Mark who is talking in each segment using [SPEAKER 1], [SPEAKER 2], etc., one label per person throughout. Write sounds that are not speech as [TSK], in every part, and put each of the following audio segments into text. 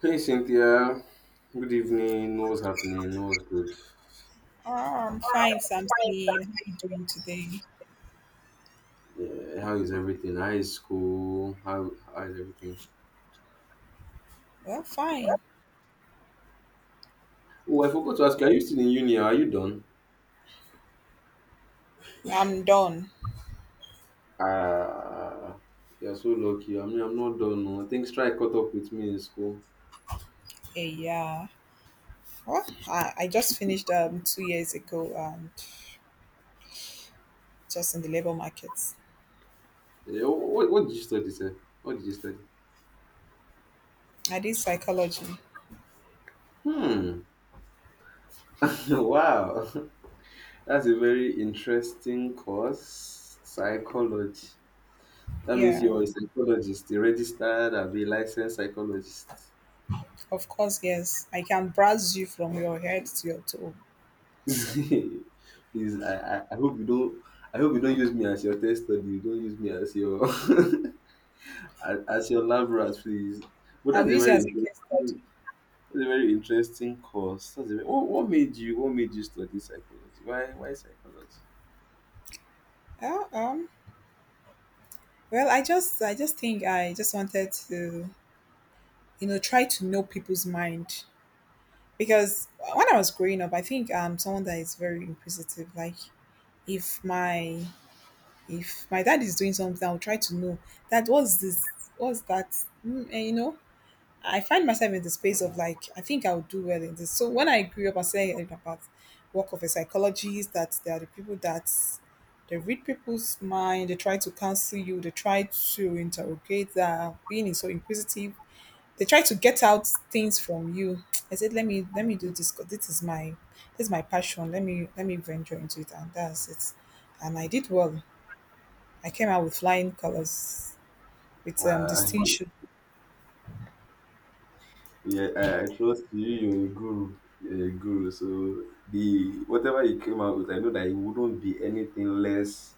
[SPEAKER 1] Hey Cynthia, good evening. What's happening? What's good? Fine,
[SPEAKER 2] Ah, I'm fine, Samson. How
[SPEAKER 1] sir.
[SPEAKER 2] you doing today?
[SPEAKER 1] Yeah, how is everything? How is school? How is everything?
[SPEAKER 2] Well, fine.
[SPEAKER 1] Oh, I forgot to ask you. Are you still in uni? Are you done?
[SPEAKER 2] I'm done.
[SPEAKER 1] Ah, you're so lucky. I mean, I'm not done. No. I think strike caught up with me in school.
[SPEAKER 2] Yeah. Well, I just finished 2 years ago and just in the labor markets.
[SPEAKER 1] Yeah, what did you study, sir? What did you study?
[SPEAKER 2] I did psychology.
[SPEAKER 1] Hmm. [LAUGHS] Wow, [LAUGHS] that's a very interesting course, psychology. That means
[SPEAKER 2] Yeah,
[SPEAKER 1] you're a psychologist, a registered, a licensed psychologist.
[SPEAKER 2] of course, yes. I can browse you from your head to your toe.
[SPEAKER 1] [LAUGHS] Please, I hope you don't use me as your test study. You don't use me as your [LAUGHS] as your lab rat, please. But
[SPEAKER 2] I'll use you as a case study.
[SPEAKER 1] that's a very interesting course. That's a very, what made you study psychology? Why psychology?
[SPEAKER 2] Uh, um, well, I just think I just wanted to, try to know people's mind because when I was growing up, I think I'm someone that is very inquisitive. Like if my if my dad is doing something, I'll try to know that what's this, what's that, and I find myself in the space of like I think I'll do well in this. So when I grew up, I said about work of a psychologist that there are the people that they read people's mind, they try to counsel you, they try to interrogate that being so inquisitive they try to get out things from you. I said, let me do this. 'Cause this is my this is my passion. Let me venture into it, and that's it. And I did well. I came out with flying colors with
[SPEAKER 1] Uh,
[SPEAKER 2] distinction.
[SPEAKER 1] yeah, I trust you. You're a guru. You're a guru. So the whatever you came out with, I know that it wouldn't be anything less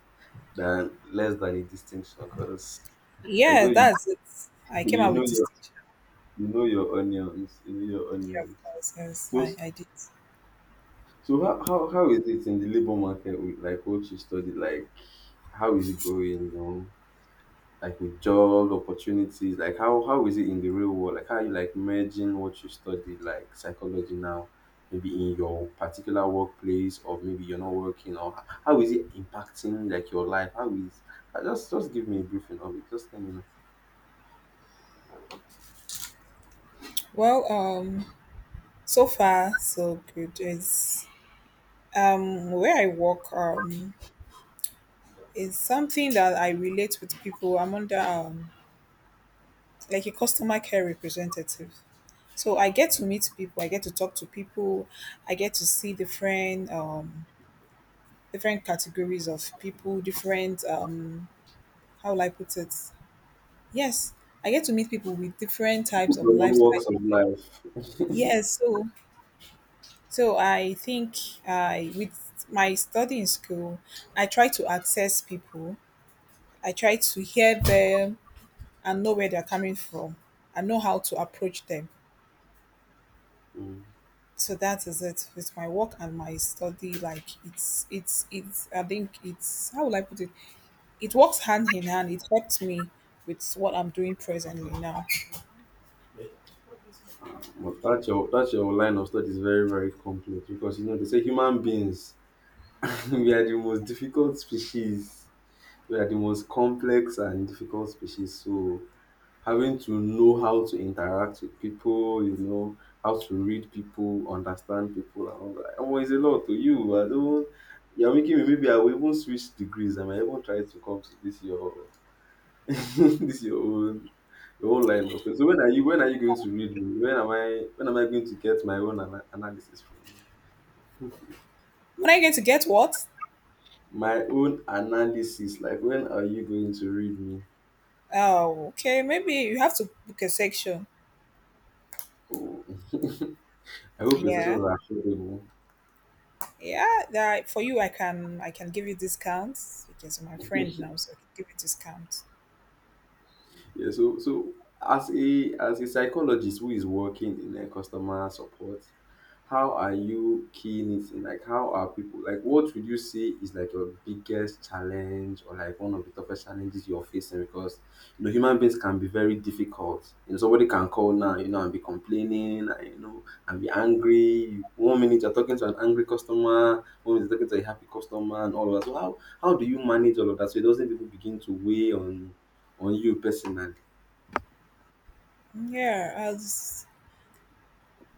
[SPEAKER 1] than less than a distinction. Because I know
[SPEAKER 2] Yeah,
[SPEAKER 1] you,
[SPEAKER 2] that's it.
[SPEAKER 1] [LAUGHS]
[SPEAKER 2] I came
[SPEAKER 1] you
[SPEAKER 2] out
[SPEAKER 1] know
[SPEAKER 2] with
[SPEAKER 1] you
[SPEAKER 2] distinction.
[SPEAKER 1] know your onions. You know your
[SPEAKER 2] Yeah,
[SPEAKER 1] onions.
[SPEAKER 2] of course. Yes,
[SPEAKER 1] So
[SPEAKER 2] I, I did.
[SPEAKER 1] so how is it in the labor market with like what you study? Like how is it going? You know, like with job opportunities. Like how is it in the real world? Like how you like merging what you study, like psychology now, maybe in your particular workplace or maybe you're not working or how is it impacting like your life? How is just give me a briefing of it. Just let me know.
[SPEAKER 2] Well, so far so good. It's where I work is something that I relate with people. I'm under like a customer care representative. So I get to meet people, I get to talk to people, I get to see different different categories of people, different how will I put it? Yes, I get to meet people with different types of
[SPEAKER 1] Normal walks
[SPEAKER 2] lifestyle.
[SPEAKER 1] of
[SPEAKER 2] Yes, so I think I with my study in school, I try to access people. I try to hear them and know where they're coming from, and know how to approach them.
[SPEAKER 1] life.
[SPEAKER 2] So that is it with my work and my study. Like it's I think it's how will I put it, it works hand in hand, it helps me with what I'm doing presently now.
[SPEAKER 1] But that your line of thought is very very complex because you know they say human beings [LAUGHS] we are the most difficult species. We are the most complex and difficult species. So having to know how to interact with people, you know, how to read people, understand people, and all that. Oh, it's a lot to you. I don't. You're making me maybe I will even switch degrees. I might even try to come to this your [LAUGHS] this is your own line of thought. So when are you going to read me? When am I going to get my own analysis from you?
[SPEAKER 2] When I get to get what?
[SPEAKER 1] My own analysis, like when are you going to read me?
[SPEAKER 2] Oh, okay, maybe you have to book a section.
[SPEAKER 1] Oh. [LAUGHS] I hope your sessions
[SPEAKER 2] Yeah,
[SPEAKER 1] are affordable.
[SPEAKER 2] yeah, that for you I can give you discounts because you're my friend now,
[SPEAKER 1] [LAUGHS]
[SPEAKER 2] so I can give you discounts.
[SPEAKER 1] Yeah, so as a psychologist who is working in like customer support, how are you keying it in? Like how are people like what would you say is like your biggest challenge or like one of the toughest challenges you're facing? Because you know human beings can be very difficult. You know, somebody can call now, you know, and be complaining and you know and be angry. One minute you're talking to an angry customer, one minute you're talking to a happy customer and all of that. So how do you manage all of that so it doesn't even begin to weigh on you personally.
[SPEAKER 2] Yeah, as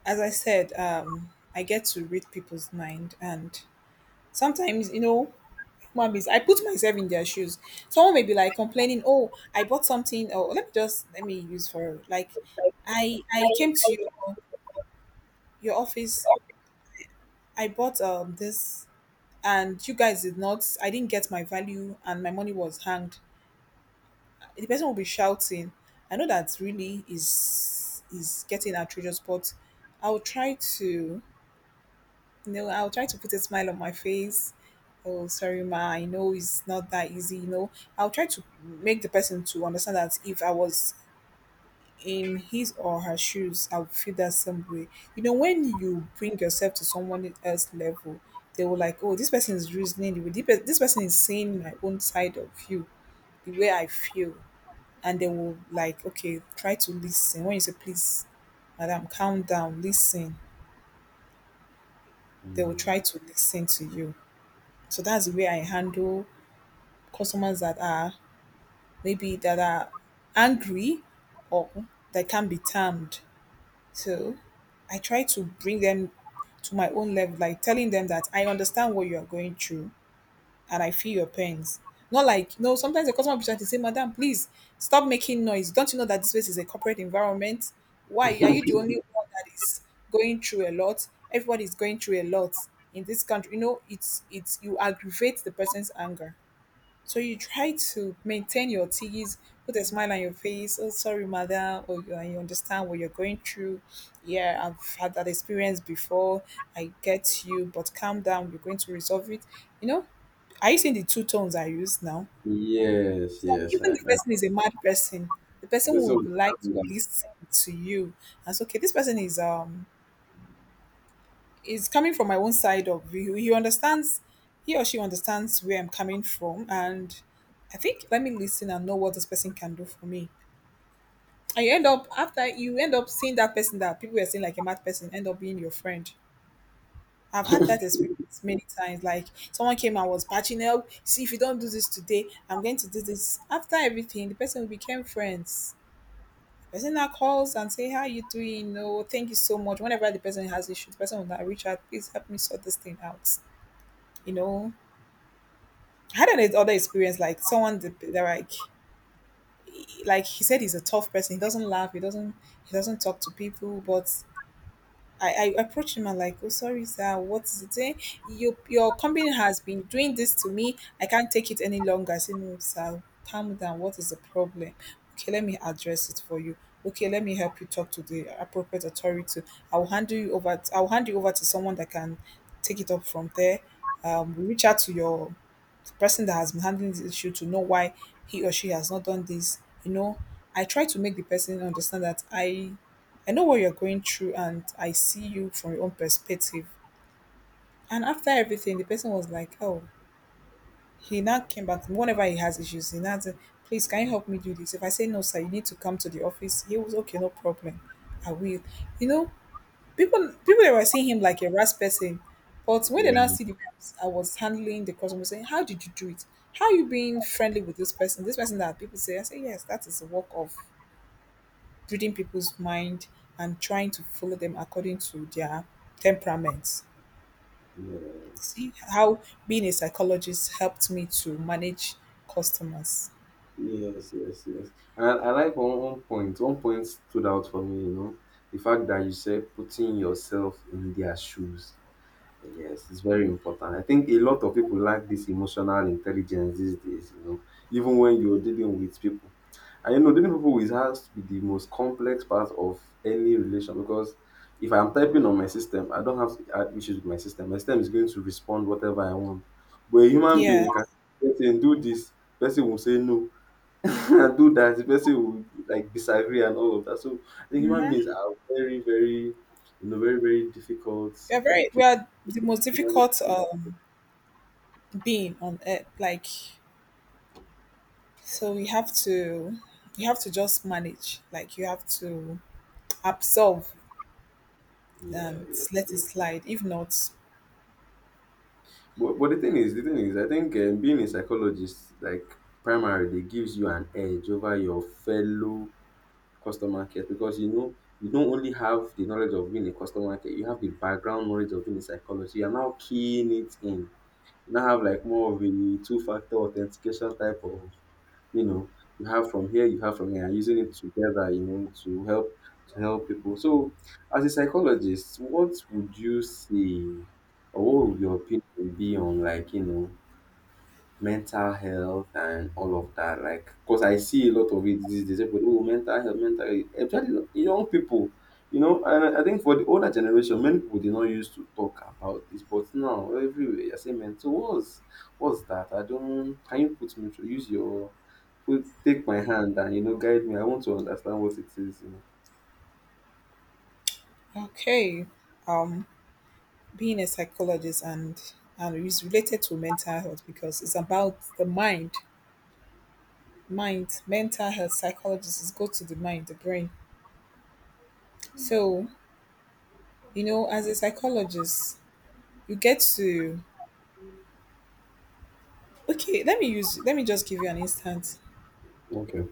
[SPEAKER 2] as i said, I get to read people's mind and sometimes you know human beings. I put myself in their shoes. Someone may be like complaining, "Oh, I bought something." Oh, let me just let me use for like,
[SPEAKER 1] Like
[SPEAKER 2] I
[SPEAKER 1] I,
[SPEAKER 2] came to
[SPEAKER 1] I can.
[SPEAKER 2] your office. I bought this, and you guys did not. I didn't get my value, and my money was hanged. The person will be shouting. I know that really is getting outrageous, but I'll try to No, I'll try to put a smile on my face. Oh, sorry, ma. I know it's not that easy. You know, I'll try to make the person to understand that if I was in his or her shoes, I would feel that same way. You know, when you bring yourself to someone else level, they will like, oh, this person is reasoning. This this person is seeing my own side of you, the way I feel, and they will like, okay, try to listen. When you say, please, madam, calm down, listen, they will
[SPEAKER 1] Mm.
[SPEAKER 2] try to listen to you. So that's the way I handle customers that are maybe that are angry or that can be tamed. So I try to bring them to my own level, like telling them that I understand what you are going through and I feel your pains. Not like no, sometimes the customer will be trying to say, madam, please stop making noise. Don't you know that this place is a corporate environment? Why are you the only one that is going through a lot? Everybody is going through a lot in this country. You know, it's you aggravate the person's anger. So you try to maintain your teas, put a smile on your face. Oh, sorry, madam. Oh, you, I understand what you're going through. Yeah, I've had that experience before. I get you, but calm down. We're going to resolve it. You know, are you seeing the two tones I use now?
[SPEAKER 1] Yes,
[SPEAKER 2] So
[SPEAKER 1] yes,
[SPEAKER 2] even
[SPEAKER 1] I
[SPEAKER 2] the
[SPEAKER 1] know.
[SPEAKER 2] person is a mad person, the person
[SPEAKER 1] This will
[SPEAKER 2] would like to
[SPEAKER 1] calm down.
[SPEAKER 2] listen to you. And so, okay, this person is coming from my own side of view. He understands, he or she understands where I'm coming from, and I think let me listen and know what this person can do for me. And you end up after you end up seeing that person that people were seeing like a mad person end up being your friend. I've had that
[SPEAKER 1] [LAUGHS]
[SPEAKER 2] experience many times. Like someone came and was patching up. See if you don't do this today, I'm going to do this. After everything, the person became friends. The person now calls and say, "How you doing? No, thank you so much." Whenever the person has issues, the person will now reach out. Please help me sort this thing out. You know, I had an other experience like someone that, that like he said he's a tough person, he doesn't laugh, he doesn't talk to people, but I approached him and like, oh, sorry sir, what is it, eh? Your company has been doing this to me, I can't take it any longer. I said, no sir, calm down, what is the problem? Okay, let me address it for you. Okay, let me help you talk to the appropriate authority. I'll hand you over to someone that can take it up from there. Reach out to your person that has been handling this issue to know why he or she has not done this. You know, I try to make the person understand that I know what you're going through and I see you from your own perspective. And after everything the person was like, oh, he now came back to me. Whenever he has issues he now said, please, can you help me do this? If I say no sir, you need to come to the office, he was okay, no problem, I will, you know. People they were seeing him like a rash person. But when they
[SPEAKER 1] Yeah,
[SPEAKER 2] now see the way I was handling the customer, saying, how did you do it? How you being friendly with this person? This person that people say, I say, yes, that is the work of reading people's mind and trying to follow them according to their temperaments.
[SPEAKER 1] yes,
[SPEAKER 2] See how being a psychologist helped me to manage customers.
[SPEAKER 1] yes, yes, yes. And I like one point. One point stood out for me, you know, the fact that you said putting yourself in their shoes. Yes, it's very important. I think a lot of people lack this emotional intelligence these days, you know, even when you're dealing with people. And you know, dealing with people is has to be the most complex part of any relation because if I'm typing on my system, I don't have to have issues with my system. My system is going to respond whatever I want. But a human being,
[SPEAKER 2] Yeah,
[SPEAKER 1] you can get do this, person will say no, [LAUGHS] and do that, the person will like disagree and all of that. So I think human beings are very, very, you know, very, very difficult
[SPEAKER 2] we are the most
[SPEAKER 1] to.
[SPEAKER 2] difficult being on earth. Like so we have to you have to just manage. Like you have to absorb
[SPEAKER 1] Yeah,
[SPEAKER 2] and
[SPEAKER 1] yeah.
[SPEAKER 2] let it slide. If not,
[SPEAKER 1] But the thing is, I think being a psychologist, like primarily, gives you an edge over your fellow customer care because you know you don't only have the knowledge of being a customer care, you have the background knowledge of being a psychologist. You are now keying it in. You now have like more of a two-factor authentication type of, you know, you have from here, you have from here, and using it together, you know, to help people. So as a psychologist, what would you say or what would your opinion be on, like, you know, mental health and all of that, like, because I see a lot of it these days. People, oh, mental health, mental health, especially young people, you know. And I think for the older generation many people did not used to talk about this, but now everywhere you're saying mental what's that. I don't. Can you put me through, use your, put, take my hand, and, you know, guide me? I want to understand what it is, you
[SPEAKER 2] okay. Um, Being a psychologist and it's related to mental health because it's about the mind. Mind, mental health, psychologists go to the mind, the brain. So, you know, as a psychologist, you get to okay, let me just give you an instance.
[SPEAKER 1] know. Okay.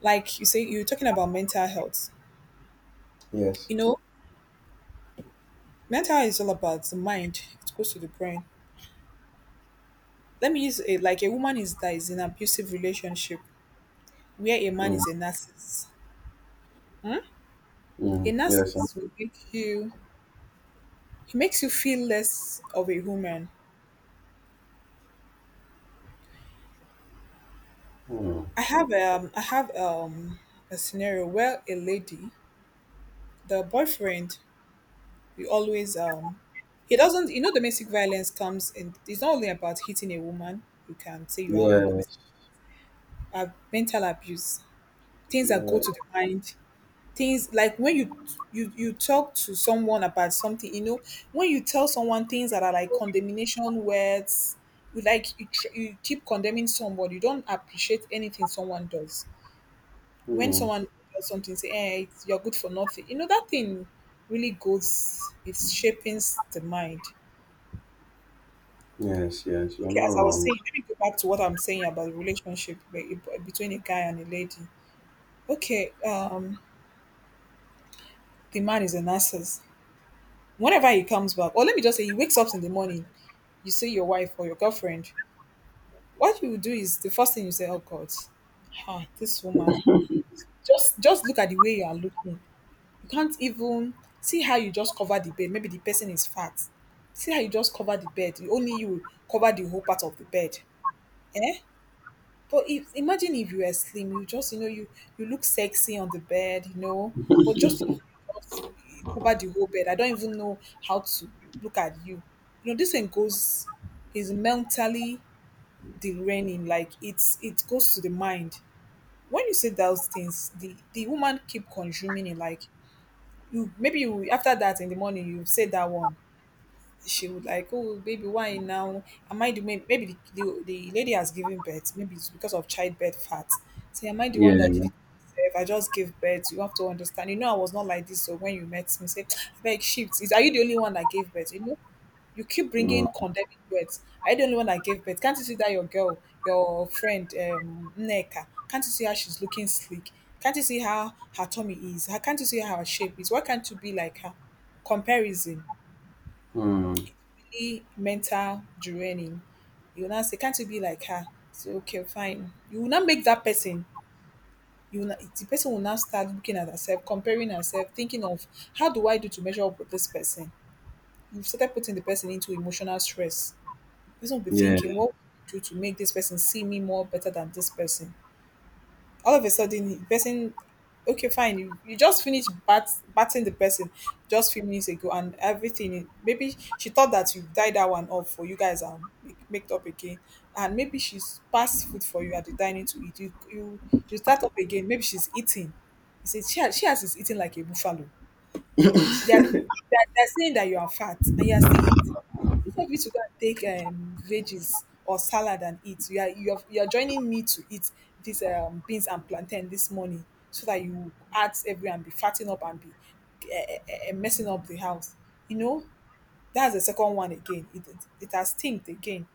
[SPEAKER 2] Like you say you're talking about mental health.
[SPEAKER 1] Yes.
[SPEAKER 2] You know, mental health is all about the mind. It goes to the brain. Let me use a Like a woman is that is in an abusive relationship where a man
[SPEAKER 1] Mm.
[SPEAKER 2] is a narcissist. Hmm? A
[SPEAKER 1] Mm. Yes. I'm-.
[SPEAKER 2] narcissist will make you he makes you feel less of a human.
[SPEAKER 1] Mm.
[SPEAKER 2] I have a scenario where a lady, the boyfriend, we always he doesn't, you know, domestic violence comes in. It's not only about hitting a woman, you can say you're having a domestic
[SPEAKER 1] Yes.
[SPEAKER 2] uh, mental abuse. Things that
[SPEAKER 1] Yeah.
[SPEAKER 2] go to the mind, things like when you you talk to someone about something, you know, when you tell someone things that are like condemnation words, you like you keep condemning somebody, you don't appreciate anything someone does. When
[SPEAKER 1] Mm.
[SPEAKER 2] someone does something, say, eh, you're good for nothing, you know that thing really goes, it shapes the mind.
[SPEAKER 1] Yes. Yes. You're
[SPEAKER 2] Okay,
[SPEAKER 1] not
[SPEAKER 2] as I was
[SPEAKER 1] wrong.
[SPEAKER 2] saying, let me go back to what I'm saying about the relationship between a guy and a lady. Okay, the man is a narcissist. Whenever he comes back, or let me just say he wakes up in the morning, you see your wife or your girlfriend, what you will do is the first thing you say, oh God, ah, this woman. Just look at the way you are looking. You can't even see how you just cover the bed. Maybe the person is fat. See how you just cover the bed. Only you will cover the whole part of the bed. Eh? But if imagine if you were slim, you just you look sexy on the bed, but just cover the whole bed. I don't even know how to look at you. You know, this thing goes is mentally derailing. Like it goes to the mind. When you say those things, the woman keep consuming it. Like you maybe you, after that in the morning, you say that one, she would like, oh, baby, why now? Am I the maybe the lady has given birth? Maybe it's because of childbirth fat. Say, am I the one that did
[SPEAKER 1] Yeah.
[SPEAKER 2] it myself? I just gave birth. You have to understand. You know, I was not like this. So when you met me, say, [TSK] I beg shift. Is Are you the only one that gave birth? You know, you keep
[SPEAKER 1] Mm.
[SPEAKER 2] bringing condemning words. Are you the only one that gave birth? Can't you see that your girl, your friend, Nneka, can't you see how she's looking sleek? Can't you see how her tummy is? How Can't you see how her shape is? Why can't you be like her? Comparison.
[SPEAKER 1] Mm.
[SPEAKER 2] Mental draining. You will now say, "Can't you be like her?" So, "Okay, fine." You will not make that person. The person will now start looking at herself, comparing herself, thinking of how do I do to measure up with this person. You've started putting the person into emotional stress. The person will be
[SPEAKER 1] Yeah.
[SPEAKER 2] thinking, "What do I do to make this person see me more better than this person?" All of a sudden the person, okay, fine, you just finished batting the person just few minutes ago, and everything, maybe she thought that you died that one off for you guys and make it up again, and maybe she's passed food for you at the dining to eat. You start up again, maybe she's eating. You see she has is eating like a buffalo. They are they're they're saying that you are fat and you are still eating. Instead of you to go and take veggies or salad and eat, you are you're joining me to eat these beans and plantain this morning, so that you add every and be fatting up and be messing up the house. You know, that's the second one again. It has stinked again.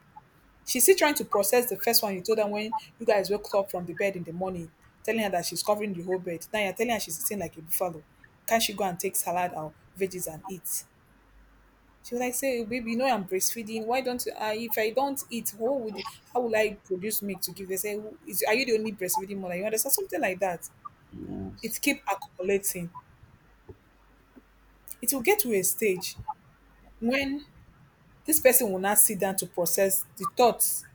[SPEAKER 2] She's still trying to process the first one you told her when you guys woke up from the bed in the morning, telling her that she's covering the whole bed. Now you're telling her she's sitting like a buffalo. Can't she go and take salad or veggies and eat? She was like, say, "Oh, baby, you know I'm breastfeeding. Why don't you? If I don't eat, how will I produce milk to give?" They say, are you the only breastfeeding mother? You understand something like that?
[SPEAKER 1] Yes.
[SPEAKER 2] It keep accumulating. It will get to a stage when this person will not sit down to process the thoughts.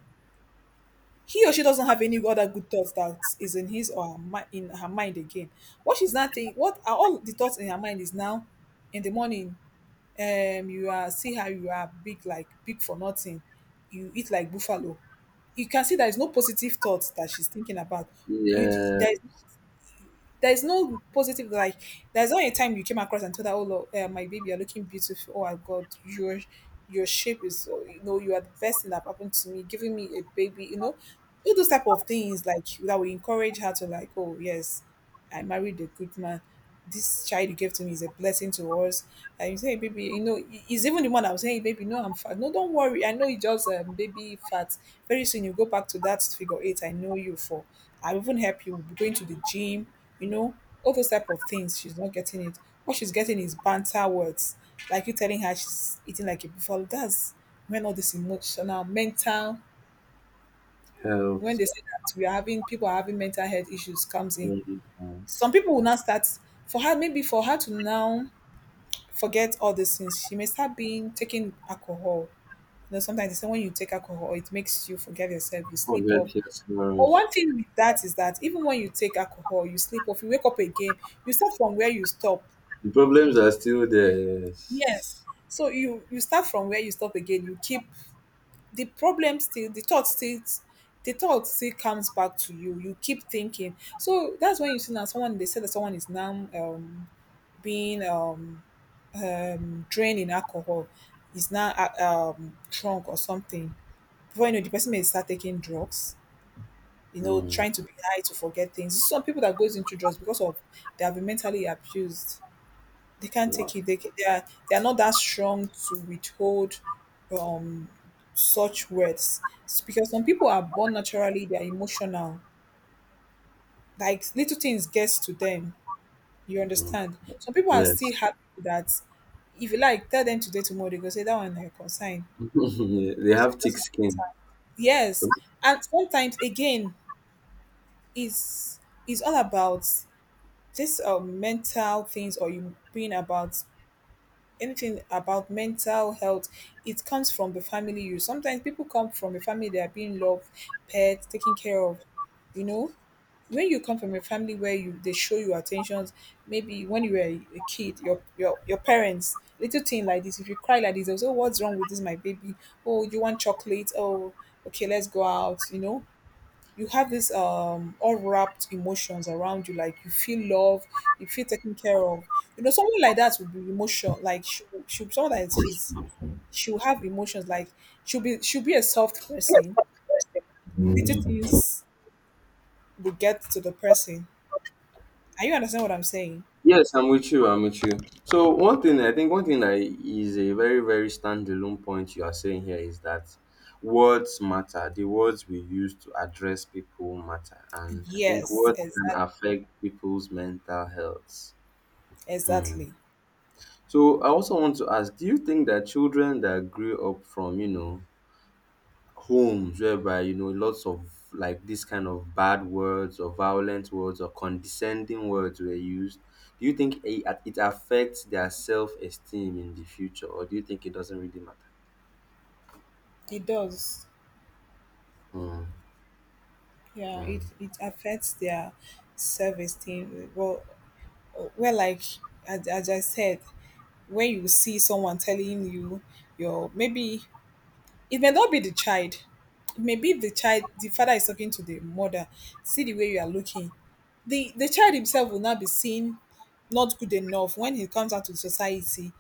[SPEAKER 2] He or she doesn't have any other good thoughts that is in his or her mind, in her mind again. What she's not think What are all the thoughts in her mind is now, in the morning, you are see how you are big, like big for nothing. You eat like buffalo. You can see there is no positive thoughts that she's thinking about. You d- there is
[SPEAKER 1] Yes.
[SPEAKER 2] there's no positive, like, there's not a time you came across and told her, oh Lord, my baby, you're looking beautiful, oh my god, your shape is, you are the best thing that happened to me, giving me a baby, you know, all those type of things like that will encourage her to like, oh yes, I married a good man, this child you gave to me is a blessing to us. And you say, baby, you know, he's even the one I'm saying, baby, no, I'm fat. No, don't worry. I know you just baby fat. Very soon you go back to that figure eight I know you for. I'll even help you. We'll be going to the gym, you know, all those type of things. She's not getting it. What she's getting is banter words. Like you telling her she's eating like a buffalo. That's when all this emotional, mental, when
[SPEAKER 1] Health.
[SPEAKER 2] they say that we are having people are having mental health issues comes in.
[SPEAKER 1] Yes.
[SPEAKER 2] Some people will now start, maybe for her to now forget all these things. She may start being taking alcohol. You know, sometimes they say when you take alcohol, it makes you forget yourself, you sleep off.
[SPEAKER 1] Forget your
[SPEAKER 2] But
[SPEAKER 1] sorrows.
[SPEAKER 2] one thing with that is that even when you take alcohol, you sleep off, you wake up again, you start from where you stop.
[SPEAKER 1] The problems are still there,
[SPEAKER 2] Yes.
[SPEAKER 1] yes.
[SPEAKER 2] So you start from where you stop again. You keep the problem still, the thought still comes back to you. You keep thinking. So that's when you see now someone, they say that someone is now being drain in alcohol, is now drunk or something. Before you know, the person may start taking drugs. You know,
[SPEAKER 1] Mm.
[SPEAKER 2] trying to be high to forget things. Some people that goes into drugs because of, they have been mentally abused. They can't
[SPEAKER 1] Wow.
[SPEAKER 2] take it. They are not that strong to withhold um such words. It's because some people are born naturally. They are emotional. Like little things gets to them. You
[SPEAKER 1] Mm.
[SPEAKER 2] understand? Some people are
[SPEAKER 1] Yes.
[SPEAKER 2] still happy that if you like tell them today tomorrow they go say that one na your concern.
[SPEAKER 1] [LAUGHS] they
[SPEAKER 2] So
[SPEAKER 1] have
[SPEAKER 2] it
[SPEAKER 1] thick
[SPEAKER 2] doesn't
[SPEAKER 1] skin.
[SPEAKER 2] matter.
[SPEAKER 1] So
[SPEAKER 2] Yes. And sometimes again, is is all about this mental things, or you being about anything about mental health. It comes from the family. You sometimes, people come from a family, they are being loved, pet, taken care of, you know, when you come from a family where you they show you attentions, maybe when you were a kid, your parents, little thing like this, if you cry like this, they'll say, "Oh, what's wrong with this, my baby? Oh, you want chocolate? Oh, okay, let's go out." You know, you have this all wrapped emotions around you, like you feel love, you feel taken care of. You know, someone like that would be emotional, like she someone that is she's she'll have emotions, like she'll be a soft person. Little things will get to the person. Are you understand what I'm saying?
[SPEAKER 1] yes, I'm with you. I'm with you. So one thing, that is a very very standalone point you are saying here is that words matter. The words we use to address people matter, and I think
[SPEAKER 2] Yes,
[SPEAKER 1] words can
[SPEAKER 2] exactly.
[SPEAKER 1] affect people's mental health. Hmm.
[SPEAKER 2] Exactly.
[SPEAKER 1] So I also want to ask: do you think that children that grew up from, you know, homes whereby, you know, lots of like this kind of bad words or violent words or condescending words were used, do you think it affects their self-esteem in the future or do you think it doesn't really matter?
[SPEAKER 2] It does.
[SPEAKER 1] Mm,
[SPEAKER 2] Yeah, it,
[SPEAKER 1] mm.
[SPEAKER 2] it affects their self esteem. Well, like as I said, when you see someone telling you, your maybe it may not be the child. It may be the child. The father is talking to the mother. See the way you are looking. The child himself will not be seen not good enough when he comes out to society.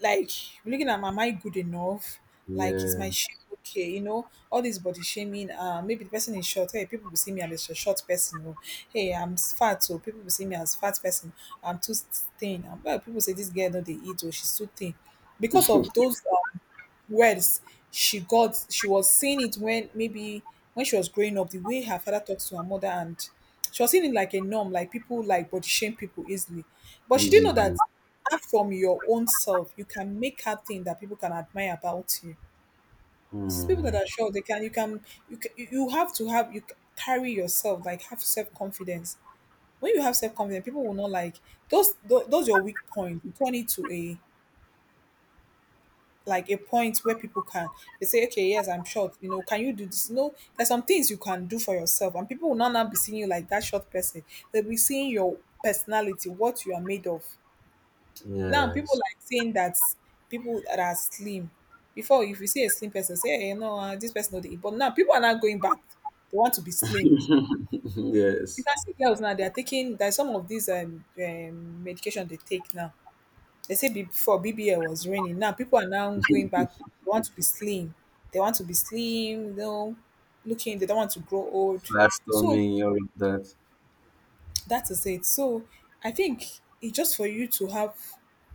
[SPEAKER 2] Like looking at, am I good enough? Like is
[SPEAKER 1] Yeah.
[SPEAKER 2] my shape okay? You know, all this body shaming. Maybe the person is short. Hey, people will see me as a short person. Oh, hey, I'm fat. So people will see me as fat person. I'm too thin. And well, people say this girl no they eat, oh, she's too thin because of those. Words, she was seeing it when maybe when she was growing up, the way her father talks to her mother, and she was seeing it like a norm, like people like body shame people easily, but she didn't know
[SPEAKER 1] Easily.
[SPEAKER 2] that apart from your own self, you can make her thing that people can admire about you. It's people that
[SPEAKER 1] Mm,
[SPEAKER 2] are sure, they can you can you can, you have to have, carry yourself like, have self-confidence. When you have self-confidence, people will not like those your weak point, you turn it to a, like a point where people can, they say, okay, yes, I'm short. You know, can you do this? No, there's some things you can do for yourself, and people will not now be seeing you like that short person. They'll be seeing your personality, what you are made of. Now people
[SPEAKER 1] yes.
[SPEAKER 2] like saying that people that are slim. Before, if you see a slim person, say, hey, no, this person not eat. But now people are not going back. They want to be slim.
[SPEAKER 1] [LAUGHS]
[SPEAKER 2] You
[SPEAKER 1] Yes.
[SPEAKER 2] can see girls now; they are taking. There's some of these medication they take now. They say before BBL was raining. Now people are now going back. They want to be slim. They want to be slim, you know, looking, they don't want to grow old.
[SPEAKER 1] Flat
[SPEAKER 2] So
[SPEAKER 1] storming, all of that.
[SPEAKER 2] that is it. So I think it's just for you to have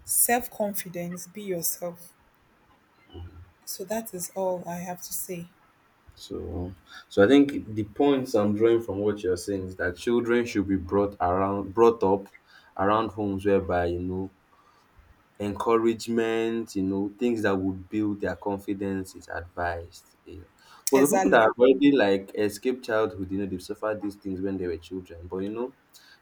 [SPEAKER 2] self confidence, be yourself. So that is all I have to say.
[SPEAKER 1] So so I think the points I'm drawing from what you're saying is that children should be brought up around homes whereby, you know, encouragement, you know, things that would build their confidence is advised. You know. But the people that
[SPEAKER 2] Exactly.
[SPEAKER 1] have already like escaped childhood, you know, they've suffered these things when they were children. But you know,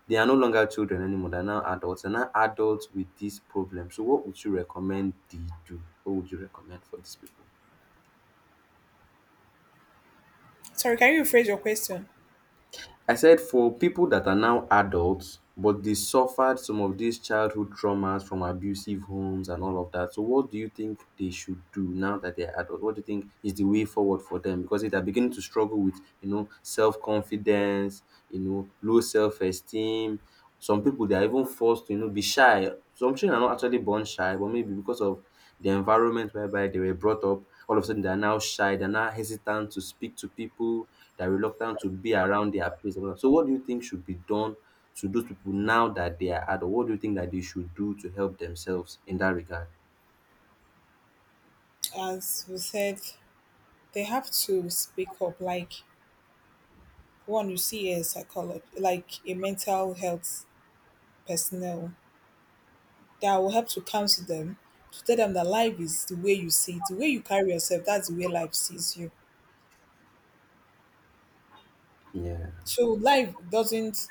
[SPEAKER 1] they are no longer children anymore. They're now adults. They're now adults with this problem. So what would you recommend they do? What would you recommend for these people?
[SPEAKER 2] Sorry, can you rephrase your question?
[SPEAKER 1] I said for people that are now adults, but they suffered some of these childhood traumas from abusive homes and all of that. So, what do you think they should do now that they're adult? What do you think is the way forward for them? Because if they're beginning to struggle with, you know, self confidence, you know, low self esteem, some people they are even forced to, you know, be shy. Some children are not actually born shy, but maybe because of the environment whereby they were brought up all of a sudden they are now shy, they are now hesitant to speak to people, they are reluctant to be around their peers. And all that. So what do you think should be done to those people now that they are adult? What do you think that they should do to help themselves in that regard?
[SPEAKER 2] As we said, they have to speak up. Like, one, you see a psychologist, like a mental health personnel that will help to counsel them, to tell them that life is the way you see it, the way you carry yourself, that's the way life sees you.
[SPEAKER 1] Yeah.
[SPEAKER 2] So life doesn't,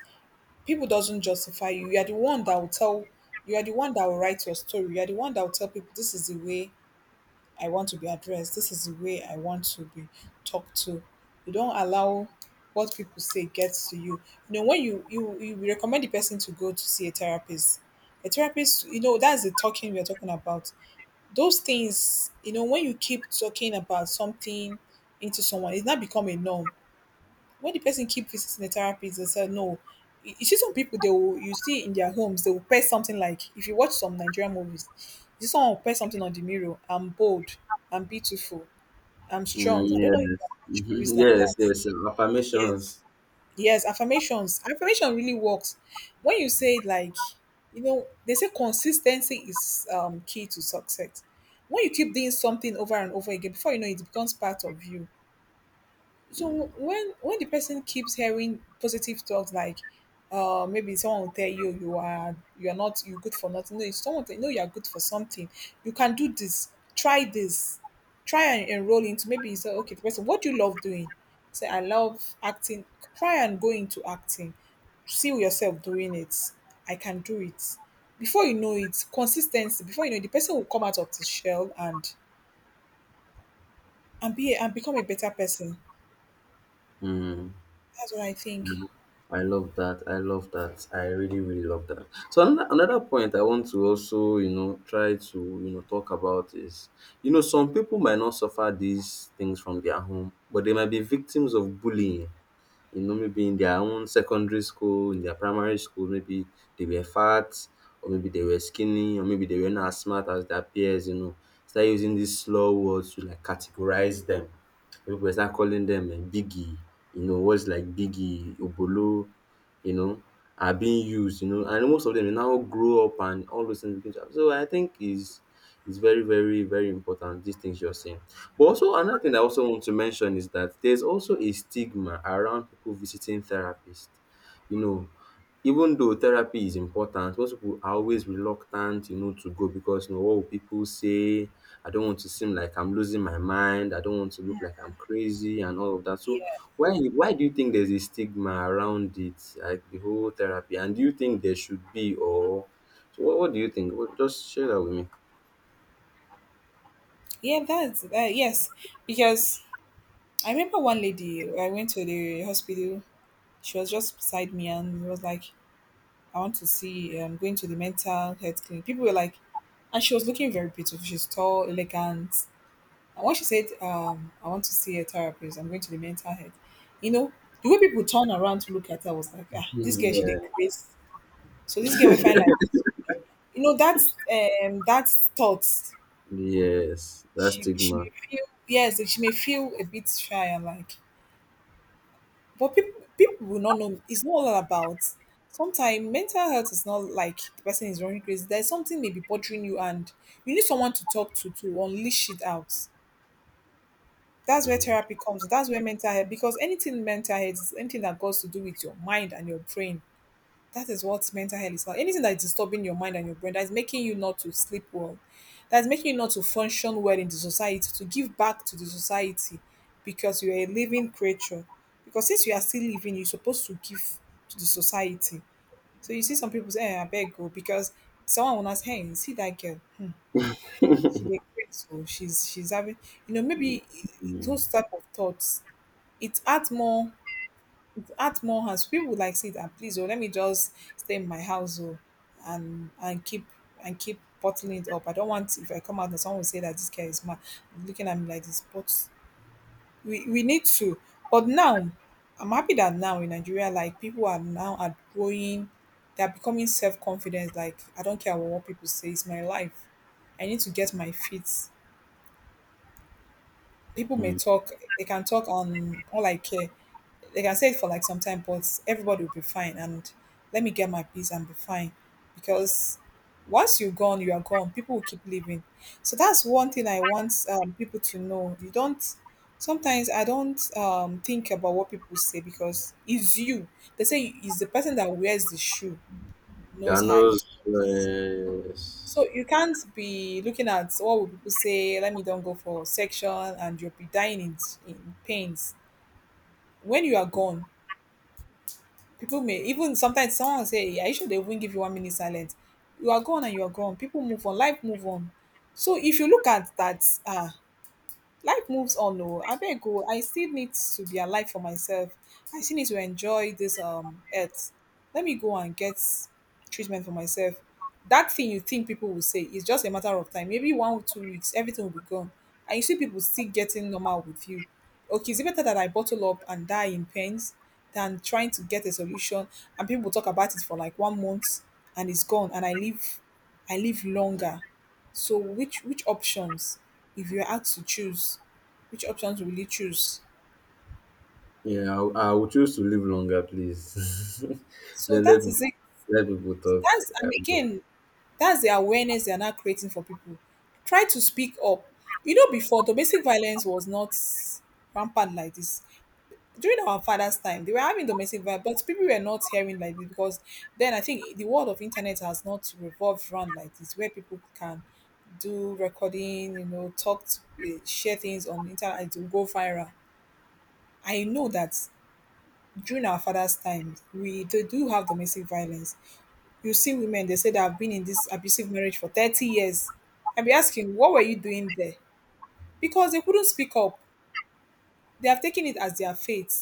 [SPEAKER 2] people doesn't justify you. You are the one that will tell, you are the one that will write your story. You are the one that will tell people this is the way I want to be addressed, this is the way I want to be talked to. You don't allow what people say gets to you. You know, when you recommend the person to go to see a therapist, you know, that's the talking we're talking about. Those things, you know, when you keep talking about something into someone, it's not become a norm. When the person keep visiting the therapist, they say no. You see some people they will, you see in their homes they will paste something, like if you watch some Nigerian movies, you see someone will paste something on the mirror. I'm bold, I'm beautiful, I'm
[SPEAKER 1] Mm,
[SPEAKER 2] strong. I don't know if
[SPEAKER 1] yes.
[SPEAKER 2] you watch
[SPEAKER 1] [LAUGHS]
[SPEAKER 2] movies like
[SPEAKER 1] Yes,
[SPEAKER 2] that.
[SPEAKER 1] yes.
[SPEAKER 2] Yes.
[SPEAKER 1] Affirmations.
[SPEAKER 2] Yes, affirmations. Affirmation really works. When you say, like, you know, they say consistency is key to success. When you keep doing something over and over again, before you know it, it becomes part of you. So when the person keeps hearing positive talks, like maybe someone will tell you you are, you are not you good for nothing. No, if someone tell you no, you are good for something, you can do this, try this, try and enroll into, maybe you say okay, the person, what do you love doing? Say I love acting. Try and go into acting. See yourself doing it. I can do it. Before you know it, consistency, before you know it, the person will come out of the shell and be and become a better person.
[SPEAKER 1] Mm.
[SPEAKER 2] That's what I think.
[SPEAKER 1] I love that. I love that. I really, really love that. So another point I want to also, you know, try to, you know, talk about is, you know, some people might not suffer these things from their home, but they might be victims of bullying, you know, maybe in their own secondary school, in their primary school, maybe they were fat, or maybe they were skinny, or maybe they were not as smart as their peers, you know. Start using these slow words to like categorize them. People start calling them, eh, biggie, you know, words like biggie, obolo, you know, are being used, you know, and most of them they now grow up and all those things begin to happen. So I think is very, very, very important, these things you're saying. But also another thing I also want to mention is that there's also a stigma around people visiting therapists. You know, even though therapy is important, most people are always reluctant, you know, to go because you know what will pipu say? I don't want to seem like I'm losing my mind. I don't want to look like I'm crazy and all of that. So
[SPEAKER 2] Yeah.
[SPEAKER 1] why do you think there's a stigma around it, like the whole therapy? And do you think there should be or so what do you think? What, just share that with me.
[SPEAKER 2] Yeah, that's that. Yes, because I remember one lady. I went to the hospital. She was just beside me, and was like, "I want to see. I'm going to the mental health clinic." People were like, and she was looking very beautiful. She's tall, elegant. And when she said, "I want to see a therapist. I'm going to the mental health," you know, the way people turned around to look at her was like, "Ah, this girl, she did
[SPEAKER 1] Yeah.
[SPEAKER 2] crazy." So this girl will find like, you know, that's thoughts.
[SPEAKER 1] Yes, that
[SPEAKER 2] She
[SPEAKER 1] stigma.
[SPEAKER 2] may feel, yes, she may feel a bit shy and like. But people will not know. It's not all about. Sometimes mental health is not like the person is running crazy. There's something maybe bothering you, and you need someone to talk to unleash it out. That's where
[SPEAKER 1] Mhm.
[SPEAKER 2] therapy comes. That's where mental health, because anything mental health is anything that goes to do with your mind and your brain, that is what mental health is about. Anything that is disturbing your mind and your brain, that is making you not to sleep well, that's making you not to function well in the society, to give back to the society, because you are a living creature. Because since you are still living, you're supposed to give to the society. So you see some people say, eh, I beg go, because someone will ask, "Hey, you see that girl. She did great, so she's having, you know, maybe
[SPEAKER 1] Mm.
[SPEAKER 2] those type of thoughts." It adds more, add more hands. People would like see that, please, oh, let me just stay in my house, oh, and keep, and keep bottling it up. I don't want, if I come out and someone will say that this guy is mad, looking at me like this. But we need to. But now, I'm happy that now in Nigeria like people are now outgoing, they're becoming self confident like, I don't care what people say, it's my life. I need to get my feet, people may
[SPEAKER 1] Mm.
[SPEAKER 2] talk, they can talk on, all I care. They can say it for like some time, but everybody will be fine, and let me get my peace and be fine. Because once you're gone you are gone, people will keep living. So that's one thing I want people to know. You don't, sometimes I don't think about what people say, because it's you, they say it's the person that wears the shoe
[SPEAKER 1] There are
[SPEAKER 2] knows how
[SPEAKER 1] no
[SPEAKER 2] it works.
[SPEAKER 1] stress.
[SPEAKER 2] So you can't be looking at what will people say, let me don't go for section and you'll be dying in pains. When you are gone, people may even, sometimes someone will say, "Yeah, you should," they will give you one minute silence? You are gone and you are gone. People move on, life move on. So if you look at that, ah, life moves on. No, I abeg go. I still need to be alive for myself. I still need to enjoy this earth. Let me go and get treatment for myself. That thing you think people will say is just a matter of time, maybe one or two weeks everything will be gone, and you see people still getting normal with you. Okay, is it better that I bottle up and die in pains than trying to get a solution, and people talk about it for like one month and it's gone and I live, I live longer. So which options, if you're asked to choose, which options will you choose?
[SPEAKER 1] Yeah, I would choose to live longer, please. [LAUGHS]
[SPEAKER 2] So
[SPEAKER 1] let, let,
[SPEAKER 2] that is it.
[SPEAKER 1] let people talk.
[SPEAKER 2] That's, and
[SPEAKER 1] Um,
[SPEAKER 2] again, that's the awareness they are now creating for people. Try to speak up. You know, before domestic violence was not rampant like this. During our father's time, they were having domestic violence, but people were not hearing like this, because then I think the world of internet has not revolved around like this, where people can do recording, you know, talk, to, eh, share things on the internet, it will go viral. I know that during our father's time, we they do have domestic violence. You see women, they say they have been in this abusive marriage for 30 years. I'll be asking, what were you doing there? Because they couldn't speak up. They have taken it as their fate.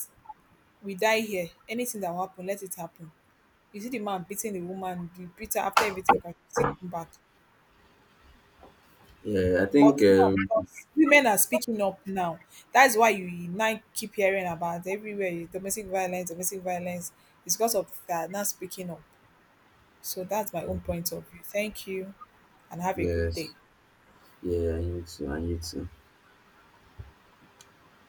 [SPEAKER 2] We die here. Anything that will happen, let it happen. You see the man beating the woman, you beat her, after everything, come still come back.
[SPEAKER 1] yeah, I think,
[SPEAKER 2] But now, because women are speaking up now, that's why you now keep hearing about everywhere domestic violence, domestic violence. It's because of that, not speaking up. So that's my own point of view. Thank you and have a good day.
[SPEAKER 1] yes. Yeah, I need to. I need to.